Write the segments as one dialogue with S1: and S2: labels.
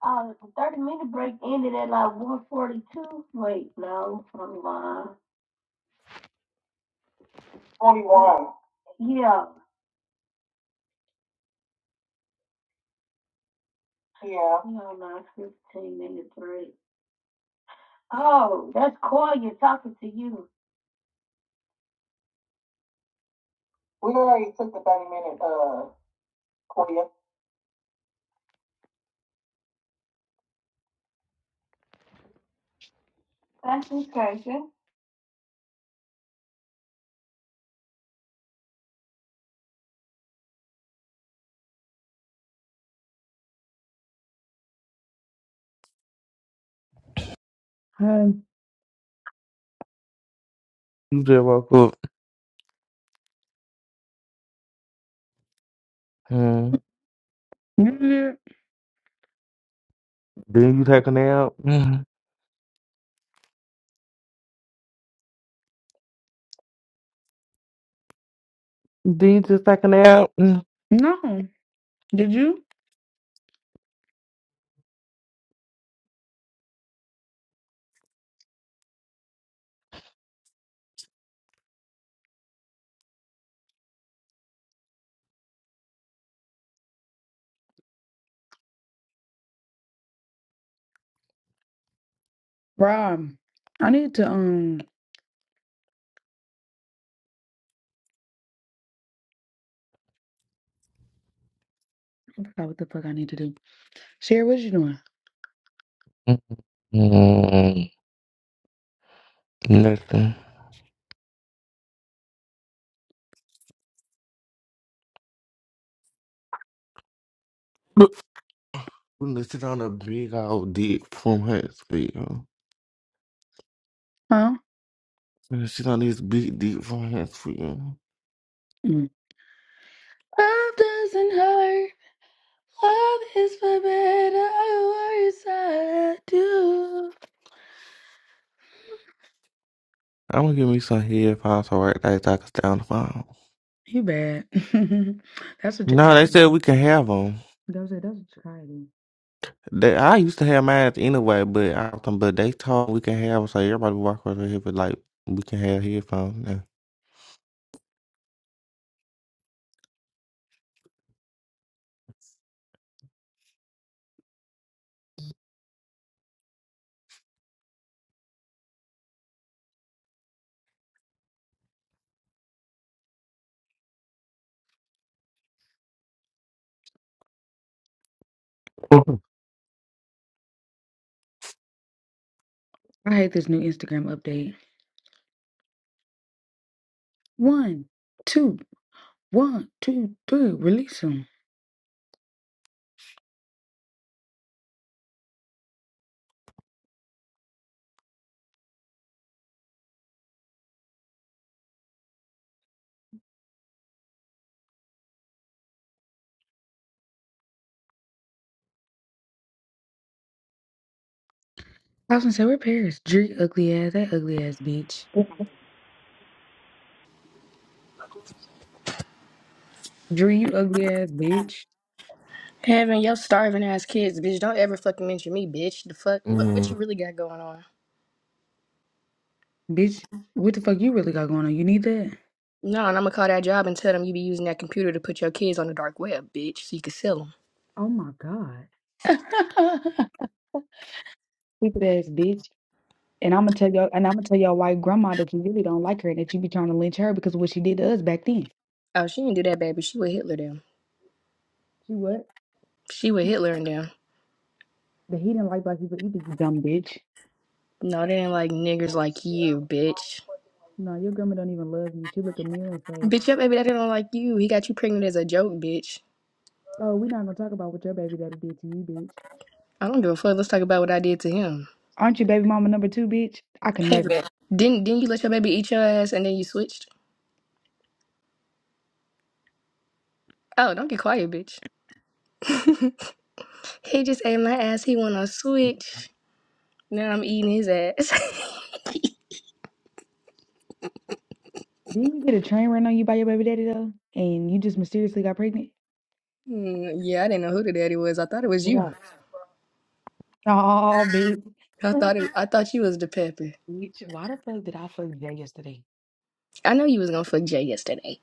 S1: Uh, the thirty minute break ended at like one forty two. Wait, no, I'm lying. Forty one. Yeah, Yeah. no, no, fifteen minute break. Oh, that's Koya talking to you. We already took the thirty minute uh Koya. That's crazy. Um,
S2: You just woke up. Mm. Then you take a nap. Mm. Then you just take a nap. Mm.
S1: no, did you? Rob, I need to, um, I forgot what the fuck I need to do. Sherry, what you doing?
S2: Mm. Nothing. Gonna sit on a big old dick from Huntsville.
S1: Huh?
S2: Gonna sit on this big dick from Huntsville.
S1: Mm. Love doesn't hurt. Love is for better or worse. I do.
S2: I'm gonna give me some headphones so right there so I can stay on the phone.
S1: You bad. that's what
S2: No, they
S1: Jakarta.
S2: said we can have them.
S1: That was it. That's what you're Jakarta.
S2: They, I used to have mine anyway, but I, but they told we can have 'em, so everybody walk over here, but like we can have headphones
S1: I hate this new Instagram update. One, two, one, two, three. Release them. I was gonna say, where Paris? Dree, ugly ass. That ugly ass bitch. Dree, you ugly ass bitch.
S3: Having your starving ass kids, bitch. Don't ever fucking mention me, bitch. The fuck? What,
S2: now.
S3: what you really got going on?
S1: Bitch, what the fuck you really got going on? You need that?
S3: No, and I'm gonna call that job and tell them you be using that computer to put your kids on the dark web, bitch, so you can sell them.
S1: Oh my god. Stupid ass bitch. And I'm gonna tell you, and I'm gonna tell your white grandma that you really don't like her, and that you be trying to lynch her because of what she did to us back then.
S3: Oh, she didn't do that, baby. She with Hitler them.
S1: She what?
S3: She with Hitler and them.
S1: But he didn't like black people either. You dumb bitch.
S3: No, they ain't like niggers like you, bitch.
S1: No, your grandma don't even love you. She look at me and say,
S3: Bitch, your baby daddy don't like you. He got you pregnant as a joke, bitch.
S1: "Oh, we're not gonna talk about what your baby daddy did to you, bitch.
S3: I don't give a fuck. Let's talk about what I did to him.
S1: Aren't you baby mama number two, bitch? I could never.
S3: Heaven. Didn't didn't you let your baby eat your ass and then you switched? Oh, don't get quiet, bitch. he just ate my ass. He want to switch. Now I'm eating his ass.
S1: Didn't you get a train run on you by your baby daddy though, and you just mysteriously got pregnant?
S3: Mm, yeah, I didn't know who the daddy was. I thought it was you.
S1: Right. Oh, bitch.
S3: I thought it, I thought you was the pepper.
S1: bitch. Why the fuck did I fuck Jay yesterday?
S3: I know you was gonna fuck Jay yesterday.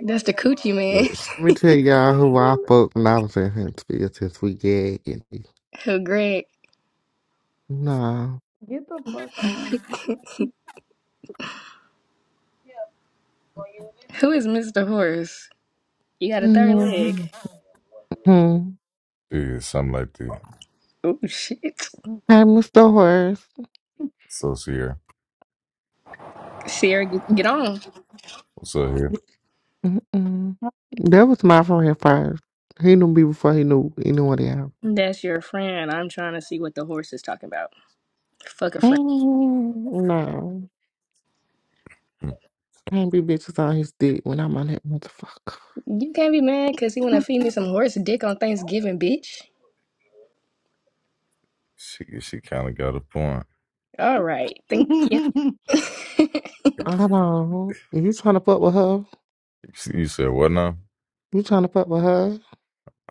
S3: That's the coochie man.
S2: Yes. Let me tell y'all who I fuck when I was in Huntsville since we gagging.
S3: Who Greg?
S2: No.
S1: Get the fuck on.
S3: Who is Mr. Horse? You got a third leg.
S2: mm Hey,
S4: Yeah, something like that.
S3: Oh shit.
S1: Mm.
S2: Mr. Horace.
S4: So Sierra,
S3: Sierra, get, get on.
S4: what's up here?
S2: Mm-mm. That was my friend first. He knew me before he knew anyone else.
S3: That's your friend. I'm trying to see what the horse is talking about. Fuck a friend.
S2: Mm, No.
S4: Hmm.
S2: Can't be bitches on his dick when I'm on that motherfucker.
S3: You can't be mad because he wanna feed me some horse dick on Thanksgiving, bitch.
S4: She she kind of got a point.
S3: All right, thank you.
S2: I don't. You trying to fuck with her?
S4: She- You said what now?
S2: You trying to fuck with her?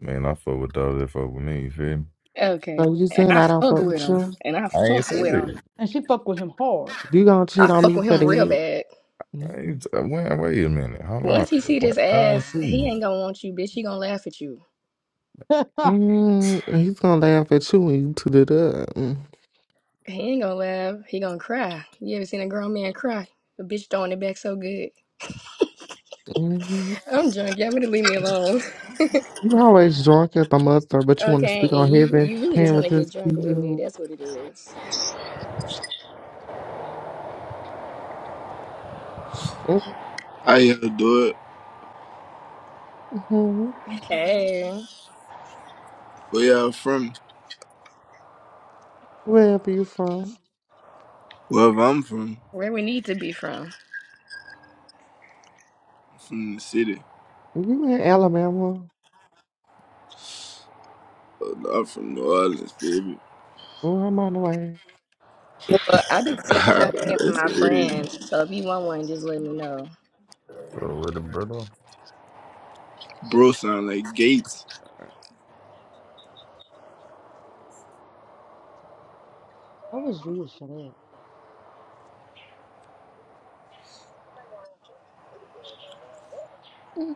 S4: I mean, I fuck with those that fuck with me. You feel me?
S3: okay,
S2: So you
S3: and
S2: saying
S3: I
S2: I don't
S3: fuck
S2: fuck
S3: with
S2: with
S3: him,
S2: you?
S3: and I
S4: I ain't
S3: fuck
S4: say
S3: with him.
S4: that.
S1: And she fucked with him hard.
S2: You gonna cheat
S3: I
S2: on
S3: fuck
S2: me
S3: with
S2: for
S3: him real
S2: that?
S3: bad.
S4: I
S2: Mm-hmm.
S4: ain't, wait, wait a minute. Hold on.
S3: Once he see this
S4: What? I
S3: ass,
S4: see.
S3: he ain't gonna want you, bitch. He gonna laugh at you.
S1: I
S2: Mm, he's gonna laugh at you when you toot it up. Mm.
S3: He ain't gonna laugh. He gonna cry. You ever seen a grown man cry? The bitch throwing it back so good.
S2: Mm.
S3: I'm drunk. Y'all better leave me alone.
S2: You always drunk at the muster, but you want to
S3: Okay,
S2: speak on
S3: and you
S2: heaven,
S3: you really just want to
S2: parents
S3: get
S2: is for
S3: drunk with me.
S2: you.
S3: That's what it is.
S5: How y'all do it?
S2: hmm
S3: Hey,
S5: Where y'all from?
S2: Wherever you from,
S5: Wherever I'm from.
S3: where we need to be from.
S5: From the city.
S2: you in Alabama?
S5: Oh, no, I'm from New Orleans, baby.
S2: Oh, I'm on the way.
S3: Well, I be sex trafficking
S5: That's
S3: my
S5: crazy.
S3: friends, so if you want one, just let me know.
S4: So with the brother?
S5: Bro sound like Gates.
S1: was you shut up?
S2: Mm-hmm.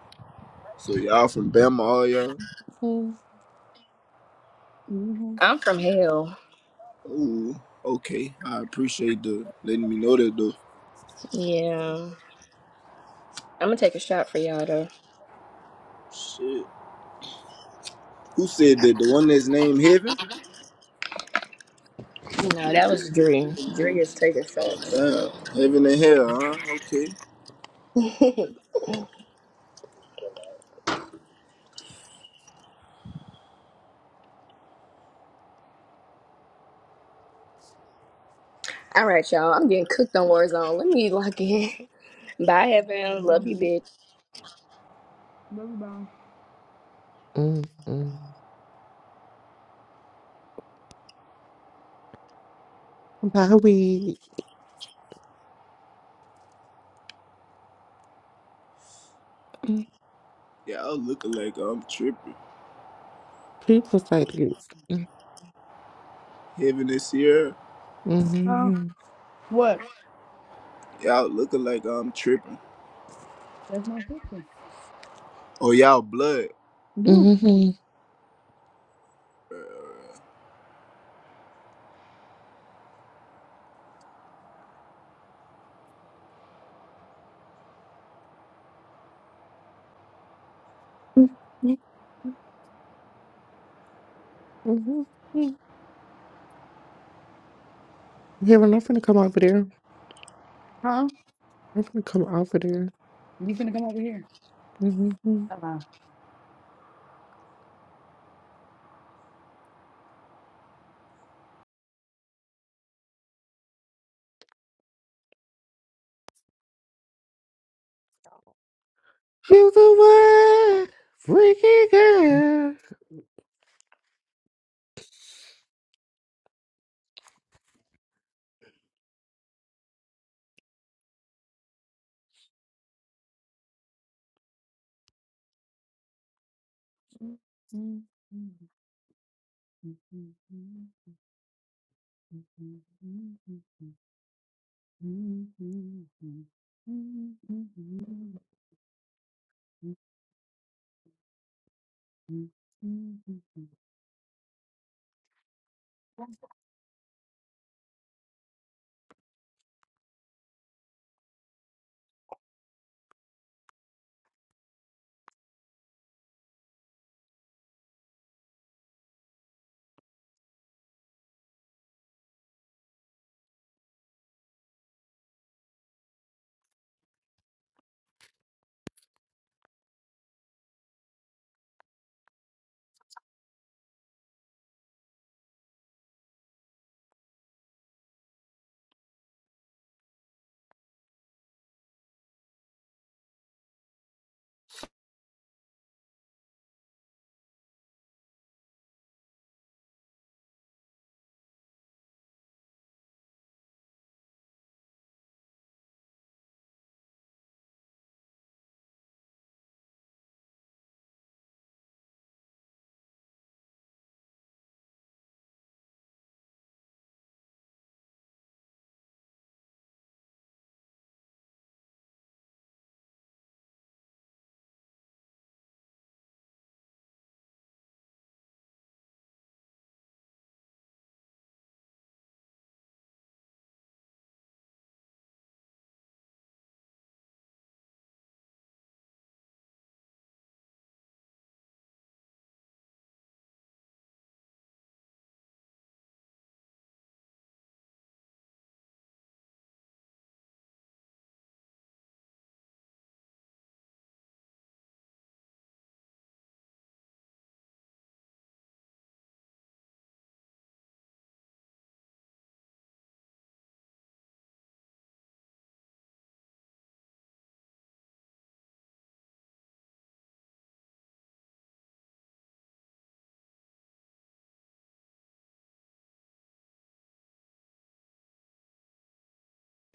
S5: So y'all from Bama, all y'all?
S1: Mhm.
S3: I'm from hell.
S5: Ooh, okay. I appreciate the letting me know that though.
S3: Yeah. I'm gonna take a shot for y'all though.
S5: Shit. Who said that? The one that's named Heaven?
S3: No, that was Dre. Dre is taking shots.
S5: Uh, heaven and Hell, huh? Okay.
S3: All right, y'all. I'm getting cooked on Warzone. Let me lock in. Bye, Evan. Love
S1: Dumb
S3: you,
S1: bitch.
S3: bitch.
S1: Love you, bye.
S2: Mm-hmm. Bye, we
S5: Y'all looking like I'm tripping.
S2: people say this. Mm-hmm.
S5: Heaven is here.
S1: Huh?
S2: Mm-hmm.
S1: What?
S5: Y'all looking like I'm tripping.
S1: That's my sister.
S5: Oh, y'all blood.
S1: Yeah.
S2: Mm-hmm. Heaven, I'm finna come over there.
S1: Huh?
S2: I'm finna come over there.
S1: You finna come over here.
S2: Mm-hmm. You the one, freaky girl.
S1: Uh,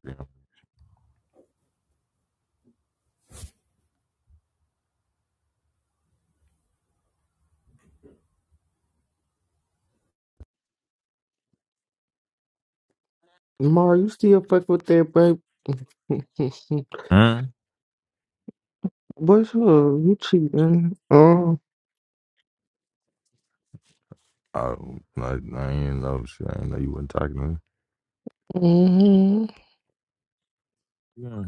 S4: Yeah.
S2: Mar, you still fuck with that babe?
S4: Hmm?
S2: What's up? You cheating? Oh.
S4: I, I, I ain't know. Shit. I ain't know you wasn't talking to
S2: hmm
S4: me.